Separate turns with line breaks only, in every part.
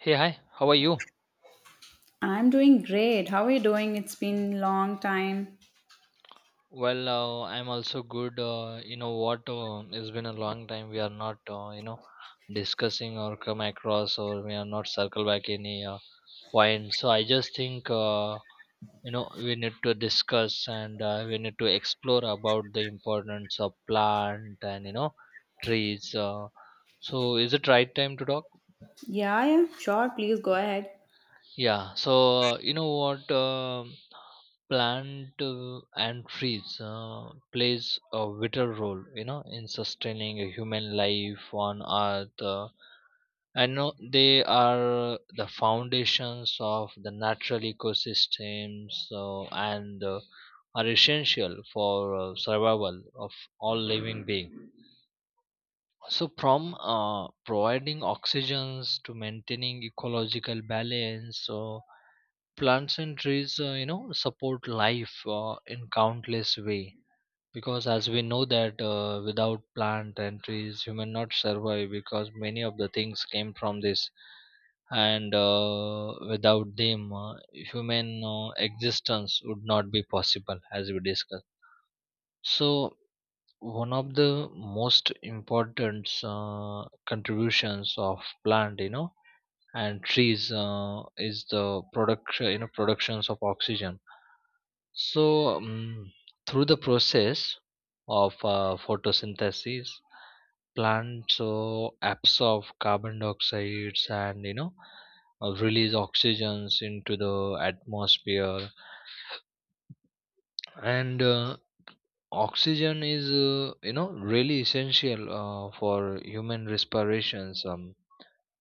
Hey, hi, how are you?
I'm doing great. How are you doing? It's been long time.
Well, I'm also good. You know what? It's been a long time. We are not, discussing or come across, or we are not circle back any point. So I just think, you know, we need to discuss and we need to explore about the importance of plant and you know trees. So is it right time to talk?
Yeah, yeah, sure. Please go ahead.
Yeah, so you know what? Plant and trees plays a vital role, you know, in sustaining a human life on Earth. I know they are the foundations of the natural ecosystems and are essential for survival of all living beings. So, from providing oxygens to maintaining ecological balance, so plants and trees you know support life in countless way because as we know that without plant and trees human not survive because many of the things came from this and without them human existence would not be possible as we discussed. So one of the most important contributions of plant you know and trees is the productions of oxygen. So, through the process of photosynthesis, plants so absorb carbon dioxides and you know release oxygens into the atmosphere. And oxygen is you know really essential for human respirations,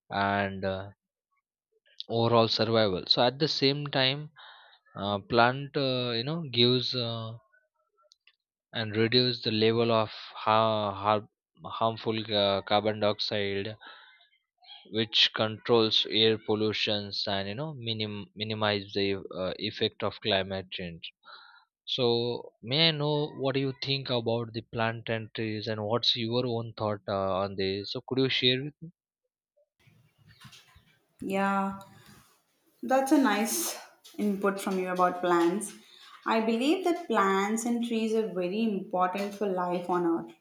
and overall survival. So at the same time, plant you know gives and reduce the level of ha- har- harmful carbon dioxide which controls air pollutions and you know minimize the effect of climate change. So may I know what do you think about the plant and trees and what's your own thought on this, so could you share with me?
Yeah. That's a nice input from you about plants. I believe that plants and trees are very important for life on earth.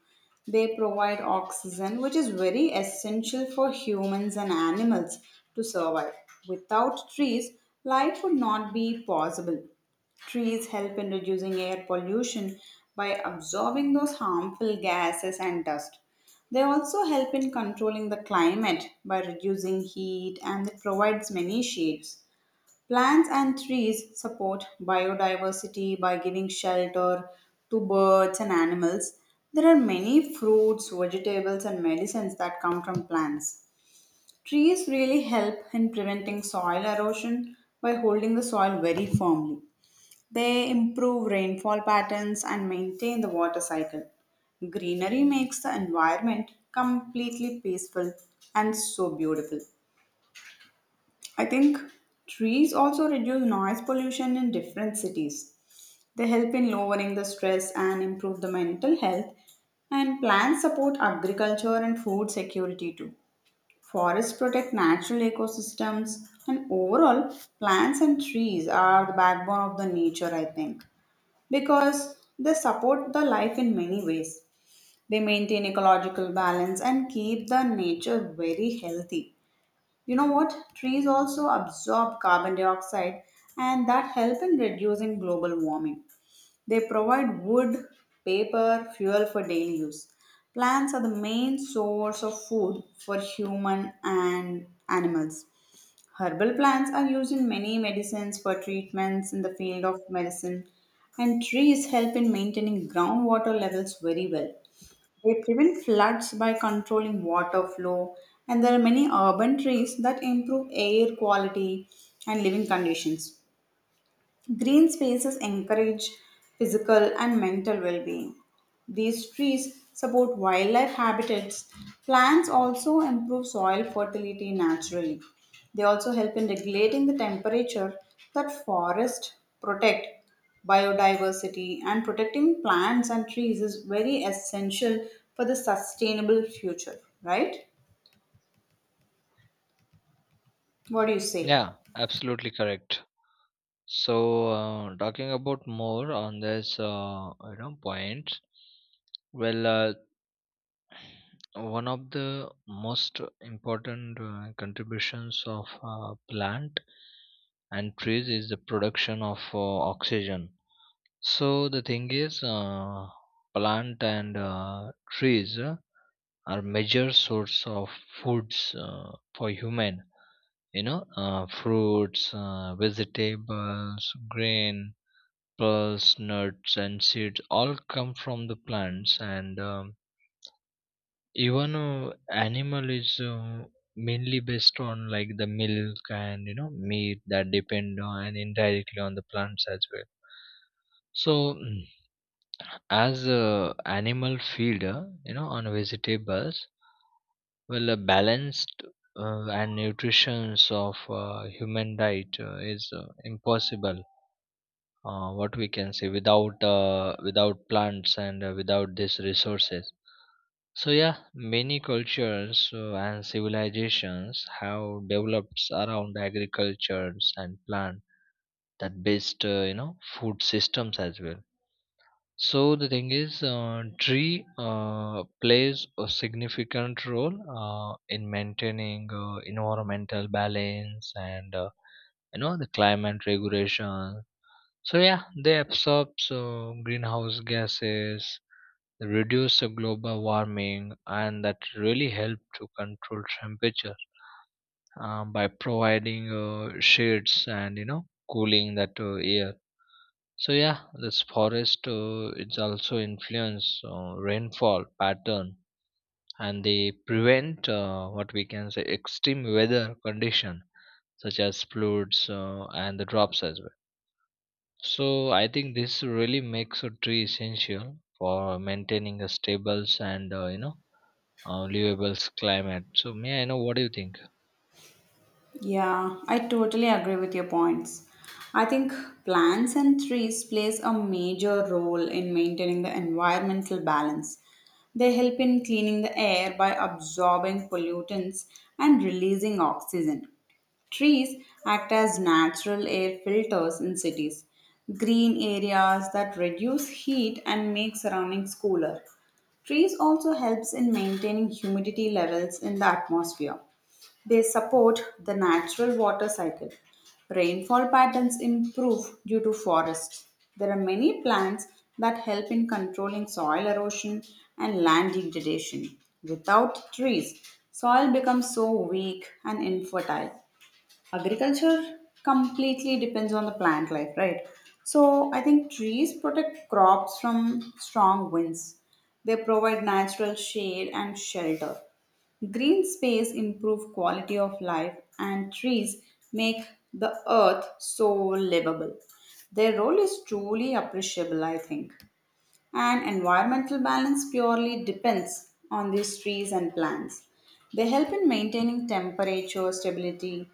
They provide oxygen, which is very essential for humans and animals to survive. Without trees, life would not be possible. Trees help in reducing air pollution by absorbing those harmful gases and dust. They also help in controlling the climate by reducing heat and it provides many shades. Plants and trees support biodiversity by giving shelter to birds and animals. There are many fruits, vegetables, and medicines that come from plants. Trees really help in preventing soil erosion by holding the soil very firmly. They improve rainfall patterns and maintain the water cycle. Greenery makes the environment completely peaceful and so beautiful. I think trees also reduce noise pollution in different cities. They help in lowering the stress and improve the mental health. And plants support agriculture and food security too. Forests protect natural ecosystems, and overall, plants and trees are the backbone of the nature, I think, because they support the life in many ways. They maintain ecological balance and keep the nature very healthy. You know what? Trees also absorb carbon dioxide and that help in reducing global warming. They provide wood, paper, fuel for daily use. Plants are the main source of food for human and animals. Herbal plants are used in many medicines for treatments in the field of medicine and trees help in maintaining groundwater levels very well. They prevent floods by controlling water flow, and there are many urban trees that improve air quality and living conditions. Green spaces encourage physical and mental well being. These trees support wildlife habitats. Plants also improve soil fertility naturally. They also help in regulating the temperature that forests protect. Biodiversity and protecting plants and trees is very essential for the sustainable future, right? What do you say?
Yeah, absolutely correct. So talking about more on this you know point. Well, one of the most important contributions of plant and trees is the production of oxygen. So the thing is, plant and trees are major source of foods for human, you know, fruits, vegetables, grain plus nuts and seeds all come from the plants. And even animal is mainly based on like the milk and you know meat that depend on and indirectly on the plants as well. So as a animal feeder, you know, on vegetables, well, a balanced and nutrition of human diet is impossible, what we can say, without without plants and without these resources. So yeah, many cultures and civilizations have developed around agricultures and plant that based, you know, food systems as well. So the thing is, tree plays a significant role in maintaining environmental balance and you know the climate regulations. So yeah, they absorb so greenhouse gases, reduce the global warming, and that really help to control temperature by providing shades and you know cooling that air. So yeah, this forest it's also influence rainfall pattern and they prevent, what we can say, extreme weather condition such as floods and the drops as well. So I think this really makes a tree essential for maintaining a stable and livable climate. So may I know what do you think?
Yeah, I totally agree with your points. I think plants and trees plays a major role in maintaining the environmental balance. They help in cleaning the air by absorbing pollutants and releasing oxygen. Trees act as natural air filters in cities, green areas that reduce heat and make surroundings cooler. Trees also helps in maintaining humidity levels in the atmosphere. They support the natural water cycle. Rainfall patterns improve due to forests. There are many plants that help in controlling soil erosion and land degradation. Without trees, soil becomes so weak and infertile. Agriculture completely depends on the plant life, right? So I think trees protect crops from strong winds. They provide natural shade and shelter. Green space improve quality of life and trees make the earth so livable. Their role is truly appreciable, I think, and environmental balance purely depends on these trees and plants. They help in maintaining temperature stability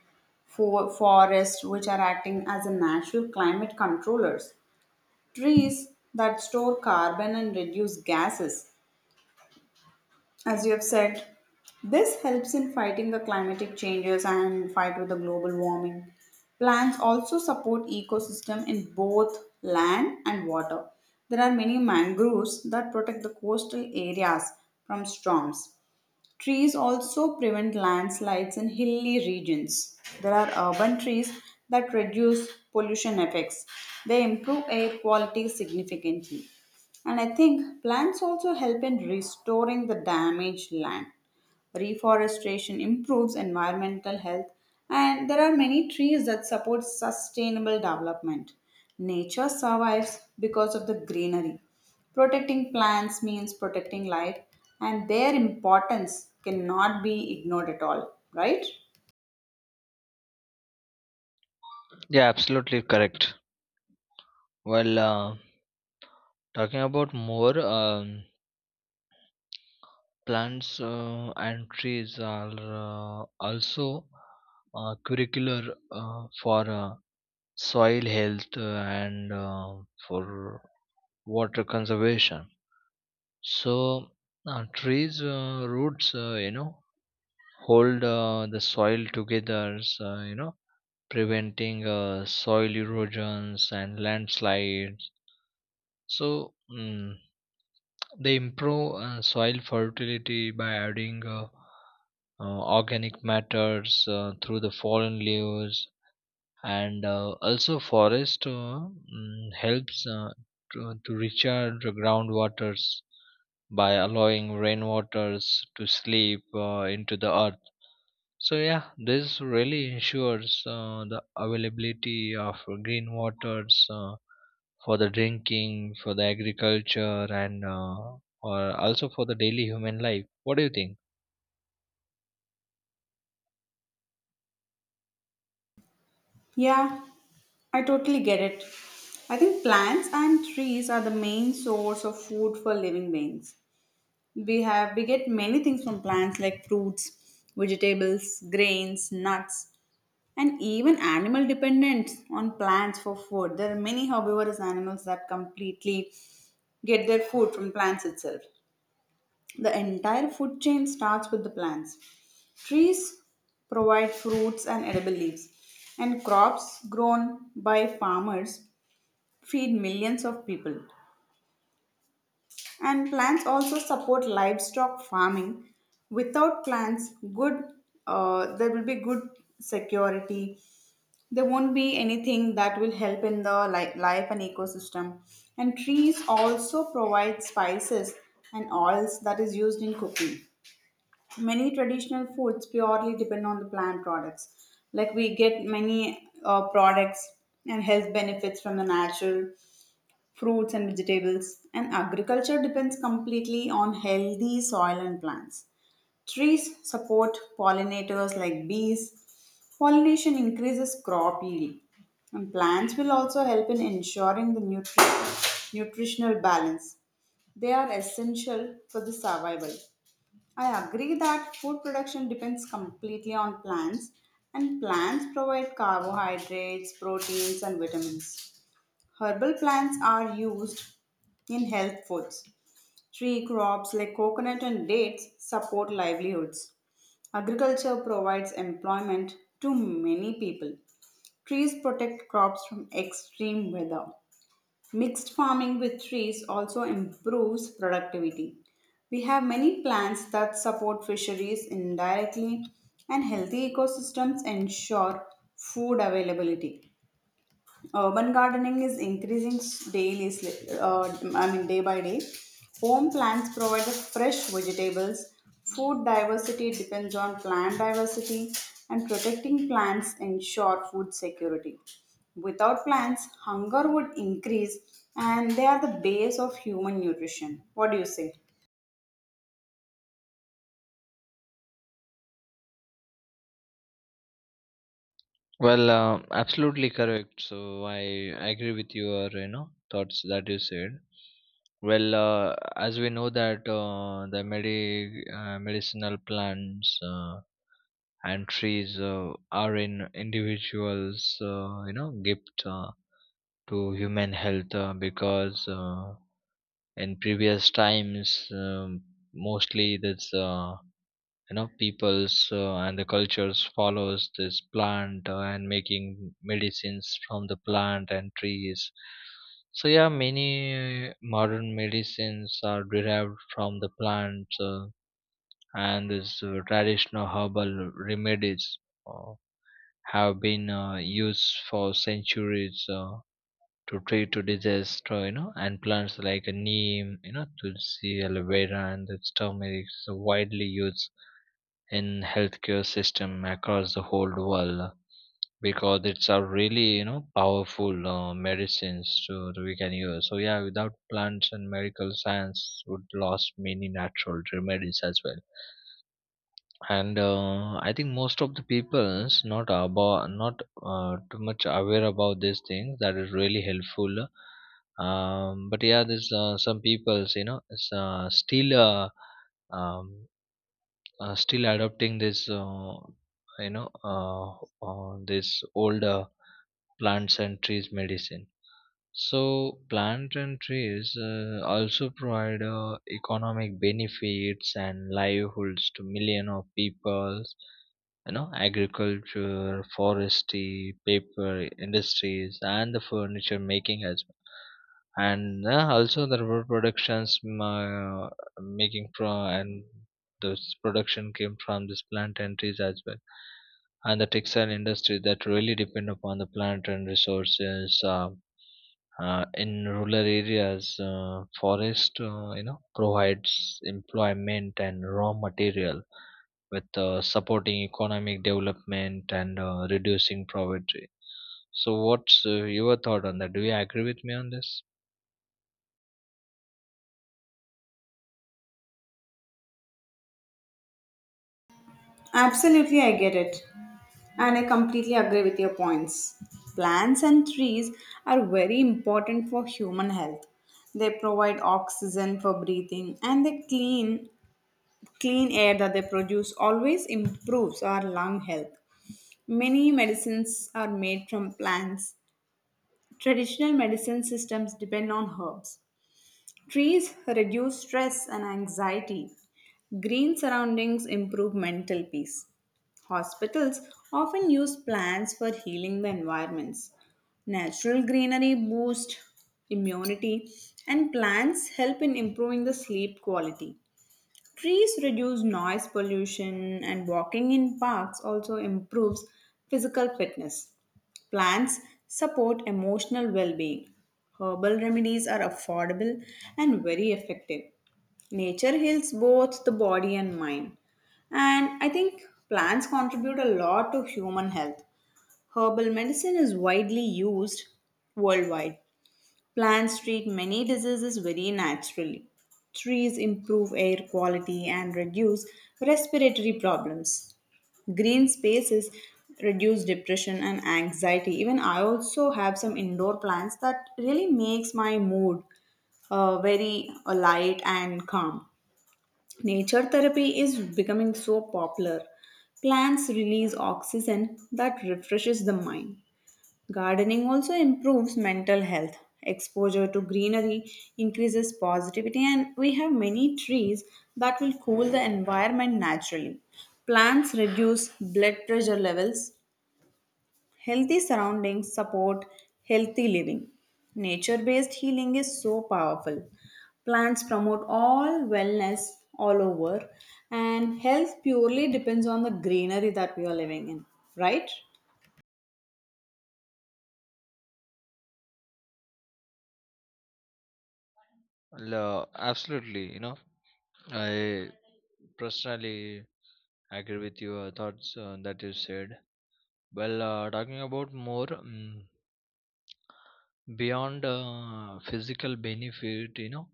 for forests, which are acting as a natural climate controllers. Trees that store carbon and reduce gases, as you have said, this helps in fighting the climatic changes and fight with the global warming. Plants also support ecosystem in both land and water. There are many mangroves that protect the coastal areas from storms. Trees also prevent landslides in hilly regions. There are urban trees that reduce pollution effects. They improve air quality significantly. And I think plants also help in restoring the damaged land. Reforestation improves environmental health and there are many trees that support sustainable development. Nature survives because of the greenery. Protecting plants means protecting life and their importance cannot be ignored at all, right?
Yeah, absolutely correct. Well, talking about more. Plants and trees are also curricular for soil health and for water conservation. So trees roots, you know, hold the soil together, so, you know, preventing soil erosions and landslides. So they improve soil fertility by adding organic matters through the fallen leaves. And also forest, helps to recharge the groundwaters by allowing rainwaters to sleep into the earth. So yeah, this really ensures the availability of green waters for the drinking, for the agriculture, and or also for the daily human life. What do you think?
Yeah, I totally get it. I think plants and trees are the main source of food for living beings. We get many things from plants like fruits, vegetables, grains, nuts, and even animal dependence on plants for food. There are many herbivorous animals that completely get their food from plants itself. The entire food chain starts with the plants. Trees provide fruits and edible leaves, and crops grown by farmers feed millions of people. And plants also support livestock farming. Without plants, good there will be good security. There won't be anything that will help in the life and ecosystem. And trees also provide spices and oils that is used in cooking. Many traditional foods purely depend on the plant products, like we get many products and health benefits from the natural fruits and vegetables, and agriculture depends completely on healthy soil and plants. Trees support pollinators like bees. Pollination increases crop yield. And plants will also help in ensuring the nutritional balance. They are essential for the survival. I agree that food production depends completely on plants, and plants provide carbohydrates, proteins, and vitamins. Herbal plants are used in health foods. Tree crops like coconut and dates support livelihoods. Agriculture provides employment to many people. Trees protect crops from extreme weather. Mixed farming with trees also improves productivity. We have many plants that support fisheries indirectly, and healthy ecosystems ensure food availability. Urban gardening is increasing daily, I mean, day by day. Home plants provide fresh vegetables. Food diversity depends on plant diversity, and protecting plants ensure food security. Without plants, hunger would increase, and they are the base of human nutrition. What do you say?
Well, absolutely correct. So I agree with your you know thoughts that you said. Well, as we know that the medicinal plants and trees are in individuals, you know, gift to human health because in previous times mostly this you know peoples and the cultures follows this plant and making medicines from the plant and trees. So yeah, many modern medicines are derived from the plants, and this traditional herbal remedies uh, have been used for centuries to treat to disaster, you know. And plants like neem, you know, tulsi, aloe vera, and the turmeric is widely used in healthcare system across the whole world because it's a really you know powerful medicines to that we can use. So yeah, without plants and medical science would lost many natural remedies as well. And I think most of the people's not about not too much aware about these things that is really helpful. But yeah, there's some people's you know is, um, still adopting this you know uh, this old plants and trees medicine. So, plant and trees also provide economic benefits and livelihoods to millions of people. You know, agriculture, forestry, paper industries, and the furniture making as well. And also the rubber productions making from and those production came from this plant and trees as well. And the textile industry that really depend upon the plant and resources. In rural areas, forest you know provides employment and raw material, with supporting economic development and reducing poverty. So, what's your thought on that? Do you agree with me on this?
Absolutely, I get it. And I completely agree with your points. Plants and trees are very important for human health. They provide oxygen for breathing and the clean air that they produce always improves our lung health. Many medicines are made from plants. Traditional medicine systems depend on herbs. Trees reduce stress and anxiety. Green surroundings improve mental peace. Hospitals often use plants for healing the environments. Natural greenery boosts immunity, and plants help in improving the sleep quality. Trees reduce noise pollution, and walking in parks also improves physical fitness. Plants support emotional well being. Herbal remedies are affordable and very effective. Nature heals both the body and mind. And I think plants contribute a lot to human health. Herbal medicine is widely used worldwide. Plants treat many diseases very naturally. Trees improve air quality and reduce respiratory problems. Green spaces reduce depression and anxiety. Even I also have some indoor plants that really makes my mood very light and calm. Nature therapy is becoming so popular. Plants release oxygen that refreshes the mind. Gardening also improves mental health. Exposure to greenery increases positivity, and we have many trees that will cool the environment naturally. Plants reduce blood pressure levels. Healthy surroundings support healthy living. Nature based healing is so powerful. Plants promote all wellness all over, and health purely depends on the greenery that we are living in, right?
Well, absolutely. You know, I personally agree with your thoughts that you said. Well, talking about more. Beyond physical benefit, you know,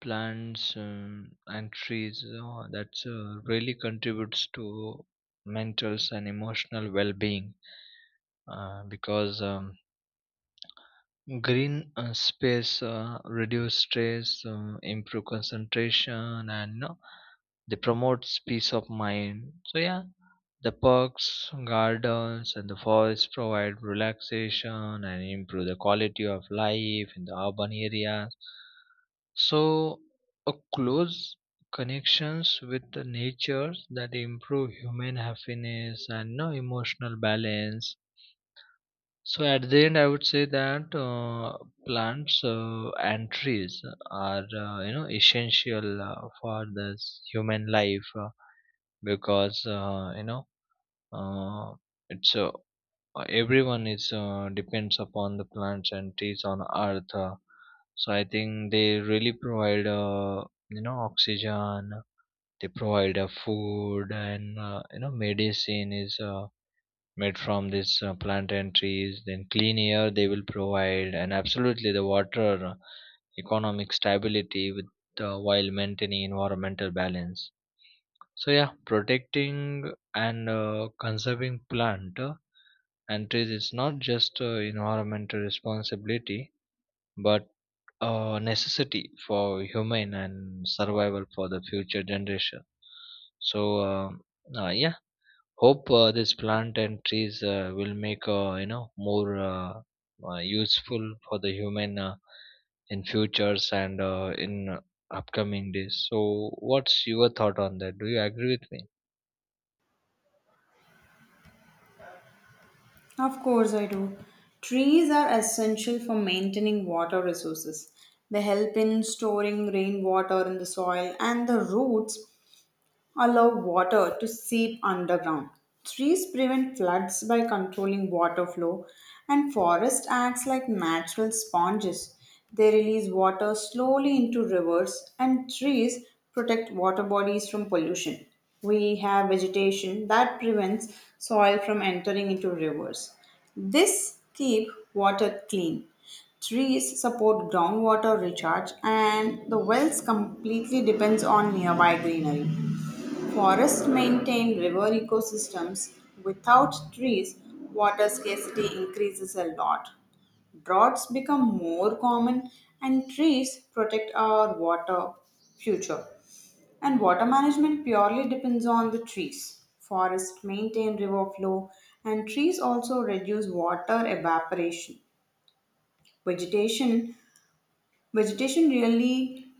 plants and trees, you know, that's really contributes to mental and emotional well-being because green space reduce stress, improve concentration, and you know, they promote peace of mind. So yeah, the parks, gardens, and the forests provide relaxation and improve the quality of life in the urban areas. So a close connections with the nature that improve human happiness and no emotional balance. So at the end, I would say that plants and trees are you know essential for this human life because uh, it's everyone is depends upon the plants and trees on earth. So I think they really provide you know oxygen. They provide food and you know medicine is made from this plant and trees, then clean air they will provide, and absolutely the water, economic stability with while maintaining environmental balance. So yeah, protecting and conserving plant and trees is not just environmental responsibility but a necessity for human and survival for the future generation. So uh, yeah, hope this plant and trees will make you know more useful for the human in futures and in upcoming days. So, what's your thought on that? Do you agree with me?
Of course, I do. Trees are essential for maintaining water resources. They help in storing rainwater in the soil, and the roots allow water to seep underground. Trees prevent floods by controlling water flow, and forest acts like natural sponges. They release water slowly into rivers, and trees protect water bodies from pollution. We have vegetation that prevents soil from entering into rivers. This keep water clean. Trees support groundwater recharge, and the wells completely depends on nearby greenery. Forests maintain river ecosystems. Without trees, water scarcity increases a lot. Droughts become more common, and trees protect our water future. And water management purely depends on the trees. Forests maintain river flow, and trees also reduce water evaporation. Vegetation, vegetation really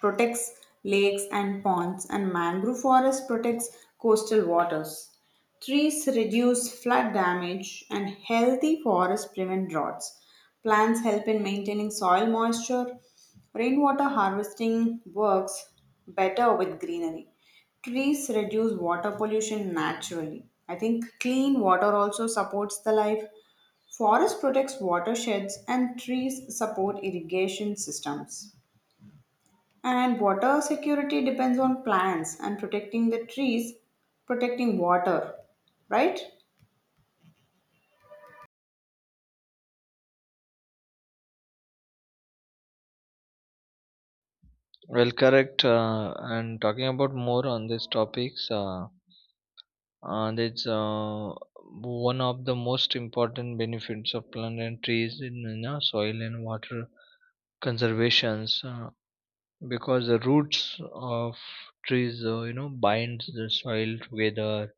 protects lakes and ponds, and mangrove forest protects coastal waters. Trees reduce flood damage, and healthy forests prevent droughts. Plants help in maintaining soil moisture. Rainwater harvesting works better with greenery. Trees reduce water pollution naturally. I think clean water also supports the life. Forest protects watersheds, and trees support irrigation systems. And water security depends on plants and protecting the trees, protecting water, right?
Well, correct. And talking about more on these topics, and it's one of the most important benefits of plant and trees in, you know, soil and water conservations. Because the roots of trees you know binds the soil together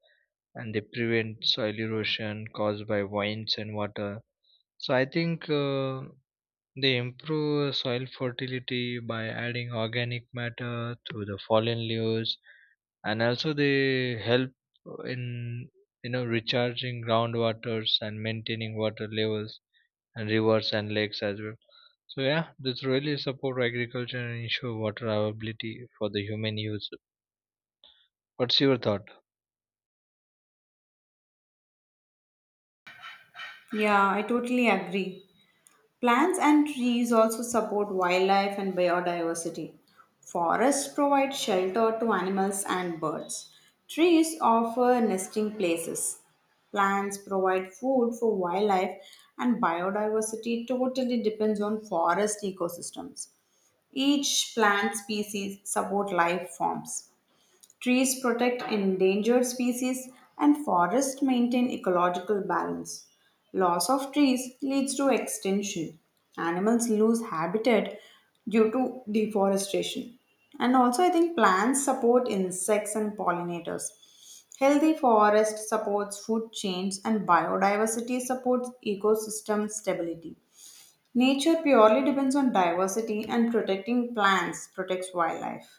and they prevent soil erosion caused by winds and water. So I think they improve soil fertility by adding organic matter through the fallen leaves, and also they help in you know recharging groundwaters and maintaining water levels and rivers and lakes as well. So yeah, this really support agriculture and ensure water availability for the human use. What's your thought?
Yeah, I totally agree. Plants and trees also support wildlife and biodiversity. Forests provide shelter to animals and birds. Trees offer nesting places. Plants provide food for wildlife, and biodiversity totally depends on forest ecosystems. Each plant species support life forms. Trees protect endangered species and forests maintain ecological balance. Loss of trees leads to extinction. Animals lose habitat due to deforestation. And also, I think plants support insects and pollinators. Healthy forest supports food chains and biodiversity supports ecosystem stability. Nature purely depends on diversity and protecting plants protects wildlife.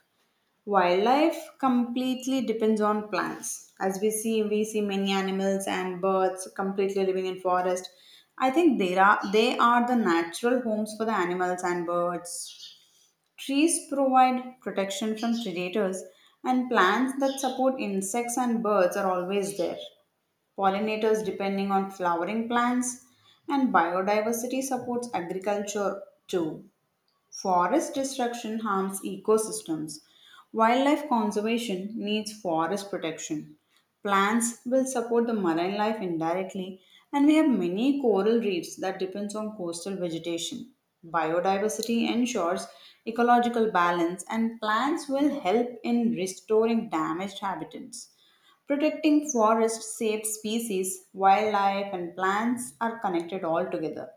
Wildlife completely depends on plants. As we see many animals and birds completely living in forest. I think they are the natural homes for the animals and birds. Trees provide protection from predators, and plants that support insects and birds are always there. Pollinators depending on flowering plants, and biodiversity supports agriculture too. Forest destruction harms ecosystems. Wildlife conservation needs forest protection. Plants will support the marine life indirectly, and we have many coral reefs that depends on coastal vegetation. Biodiversity ensures ecological balance, and plants will help in restoring damaged habitats. Protecting forests saves species, wildlife, and plants are connected all together.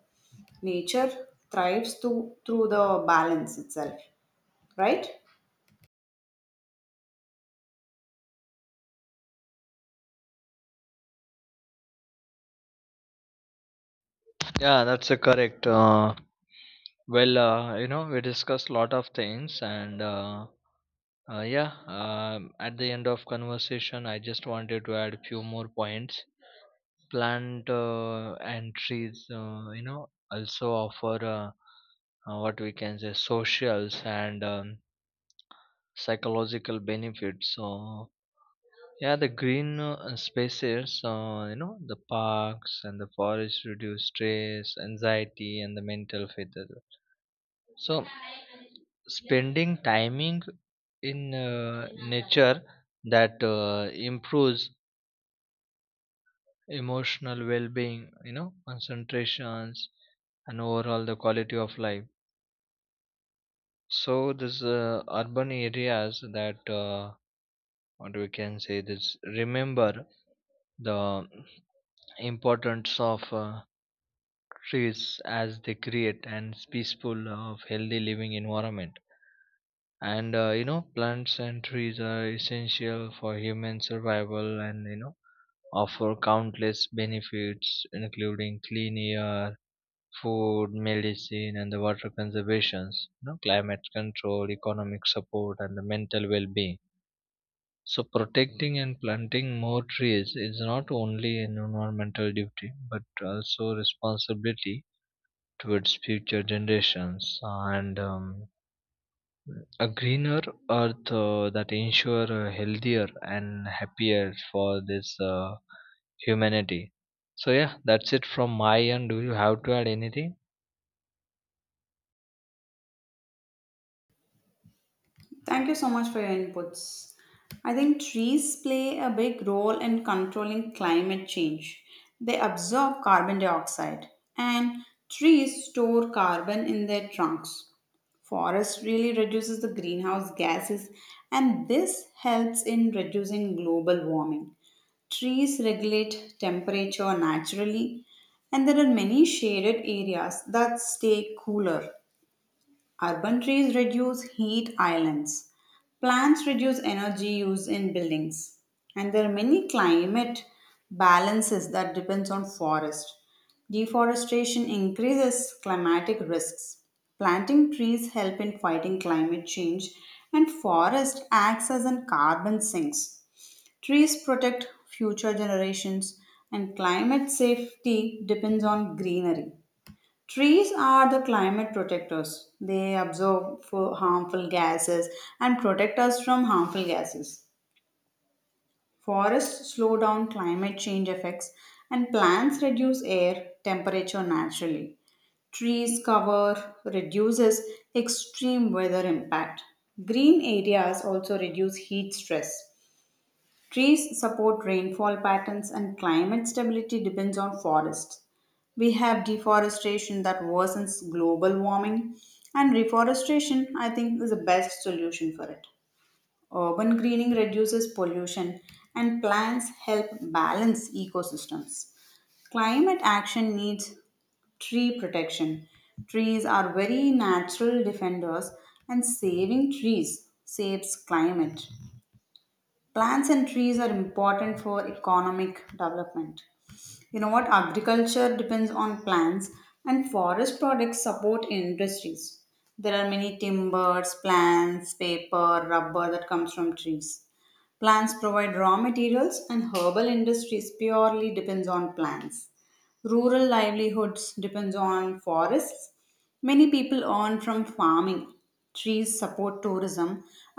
Nature thrives through the balance itself, right?
Yeah, that's a correct. Well, you know, we discussed a lot of things, and yeah, at the end of conversation, I just wanted to add a few more points. Plant and trees, you know, also offer what we can say socials and psychological benefits. So yeah, the green spaces, you know, the parks and the forests reduce stress, anxiety, and the mental fatigue. So, spending timing in nature that improves emotional well-being, you know, concentrations, and overall the quality of life. So, this urban areas that what we can say this remember the importance of trees as they create and peaceful of healthy living environment. And you know plants and trees are essential for human survival and you know offer countless benefits including clean air, food, medicine, and the water conservations, you know, climate control, economic support, and the mental well-being. So protecting and planting more trees is not only an environmental duty but also responsibility towards future generations. And a greener earth that ensure a healthier and happier for this humanity. So yeah, that's it from my end. Do you have to add anything?
Thank you so much for your inputs. I think trees play a big role in controlling climate change. They absorb carbon dioxide, and trees store carbon in their trunks. Forest really reduces the greenhouse gases, and this helps in reducing global warming. Trees regulate temperature naturally, and there are many shaded areas that stay cooler. Urban trees reduce heat islands. Plants reduce energy use in buildings. And there are many climate balances that depends on forest. Deforestation increases climatic risks. Planting trees help in fighting climate change and forest acts as an carbon sinks. Trees protect future generations, and climate safety depends on greenery. Trees are the climate protectors. They absorb for harmful gases and protect us from harmful gases. Forests slow down climate change effects, and plants reduce air temperature naturally. Trees cover reduces extreme weather impact. Green areas also reduce heat stress. Trees support rainfall patterns and climate stability depends on forests. We have deforestation that worsens global warming, and reforestation, I think, is the best solution for it. Urban greening reduces pollution, and plants help balance ecosystems. Climate action needs tree protection. Trees are very natural defenders, and saving trees saves climate. Plants and trees are important for economic development. You know what? Agriculture depends on plants and forest products support industries. There are many timbers, plants, paper, rubber that comes from trees. Plants provide raw materials and herbal industries purely depends on plants. Rural livelihoods depends on forests. Many people earn from farming. Trees support tourism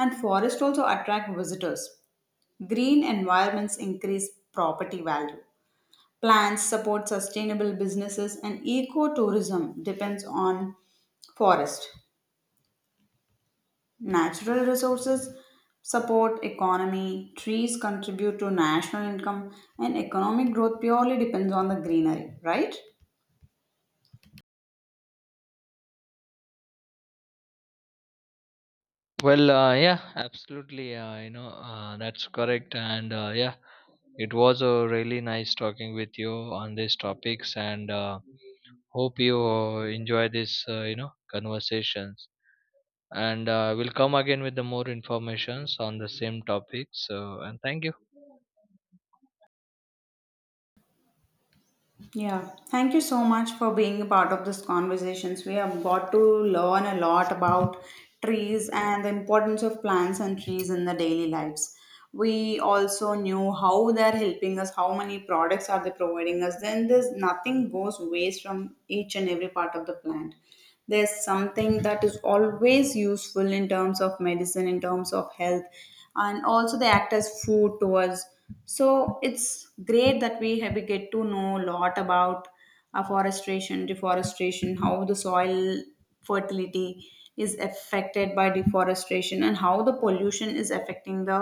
and forests also attract visitors. Green environments increase property value. Plants support sustainable businesses and ecotourism depends on forest. Natural resources support economy, trees contribute to national income and economic growth purely depends on the greenery, right?
Well, yeah, absolutely, that's correct. And yeah, it was really nice talking with you on these topics. And hope you enjoy this, conversations. And we'll come again with the more informations on the same topic. So, and thank you.
Yeah, thank you so much for being a part of this conversations. We have got to learn a lot about trees and the importance of plants and trees in the daily lives. We also knew how they're helping us, how many products are they providing us. Then there's nothing goes waste from each and every part of the plant. There's something that is always useful in terms of medicine, in terms of health, and also they act as food to us. So it's great that we get to know a lot about afforestation, deforestation, how the soil fertility is affected by deforestation and how the pollution is affecting the,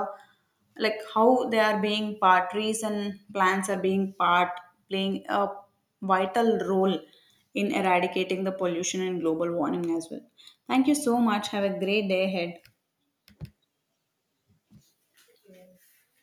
like, how they are being part, trees and plants are being part, playing a vital role in eradicating the pollution and global warming as well. Thank you so much, have a great day ahead.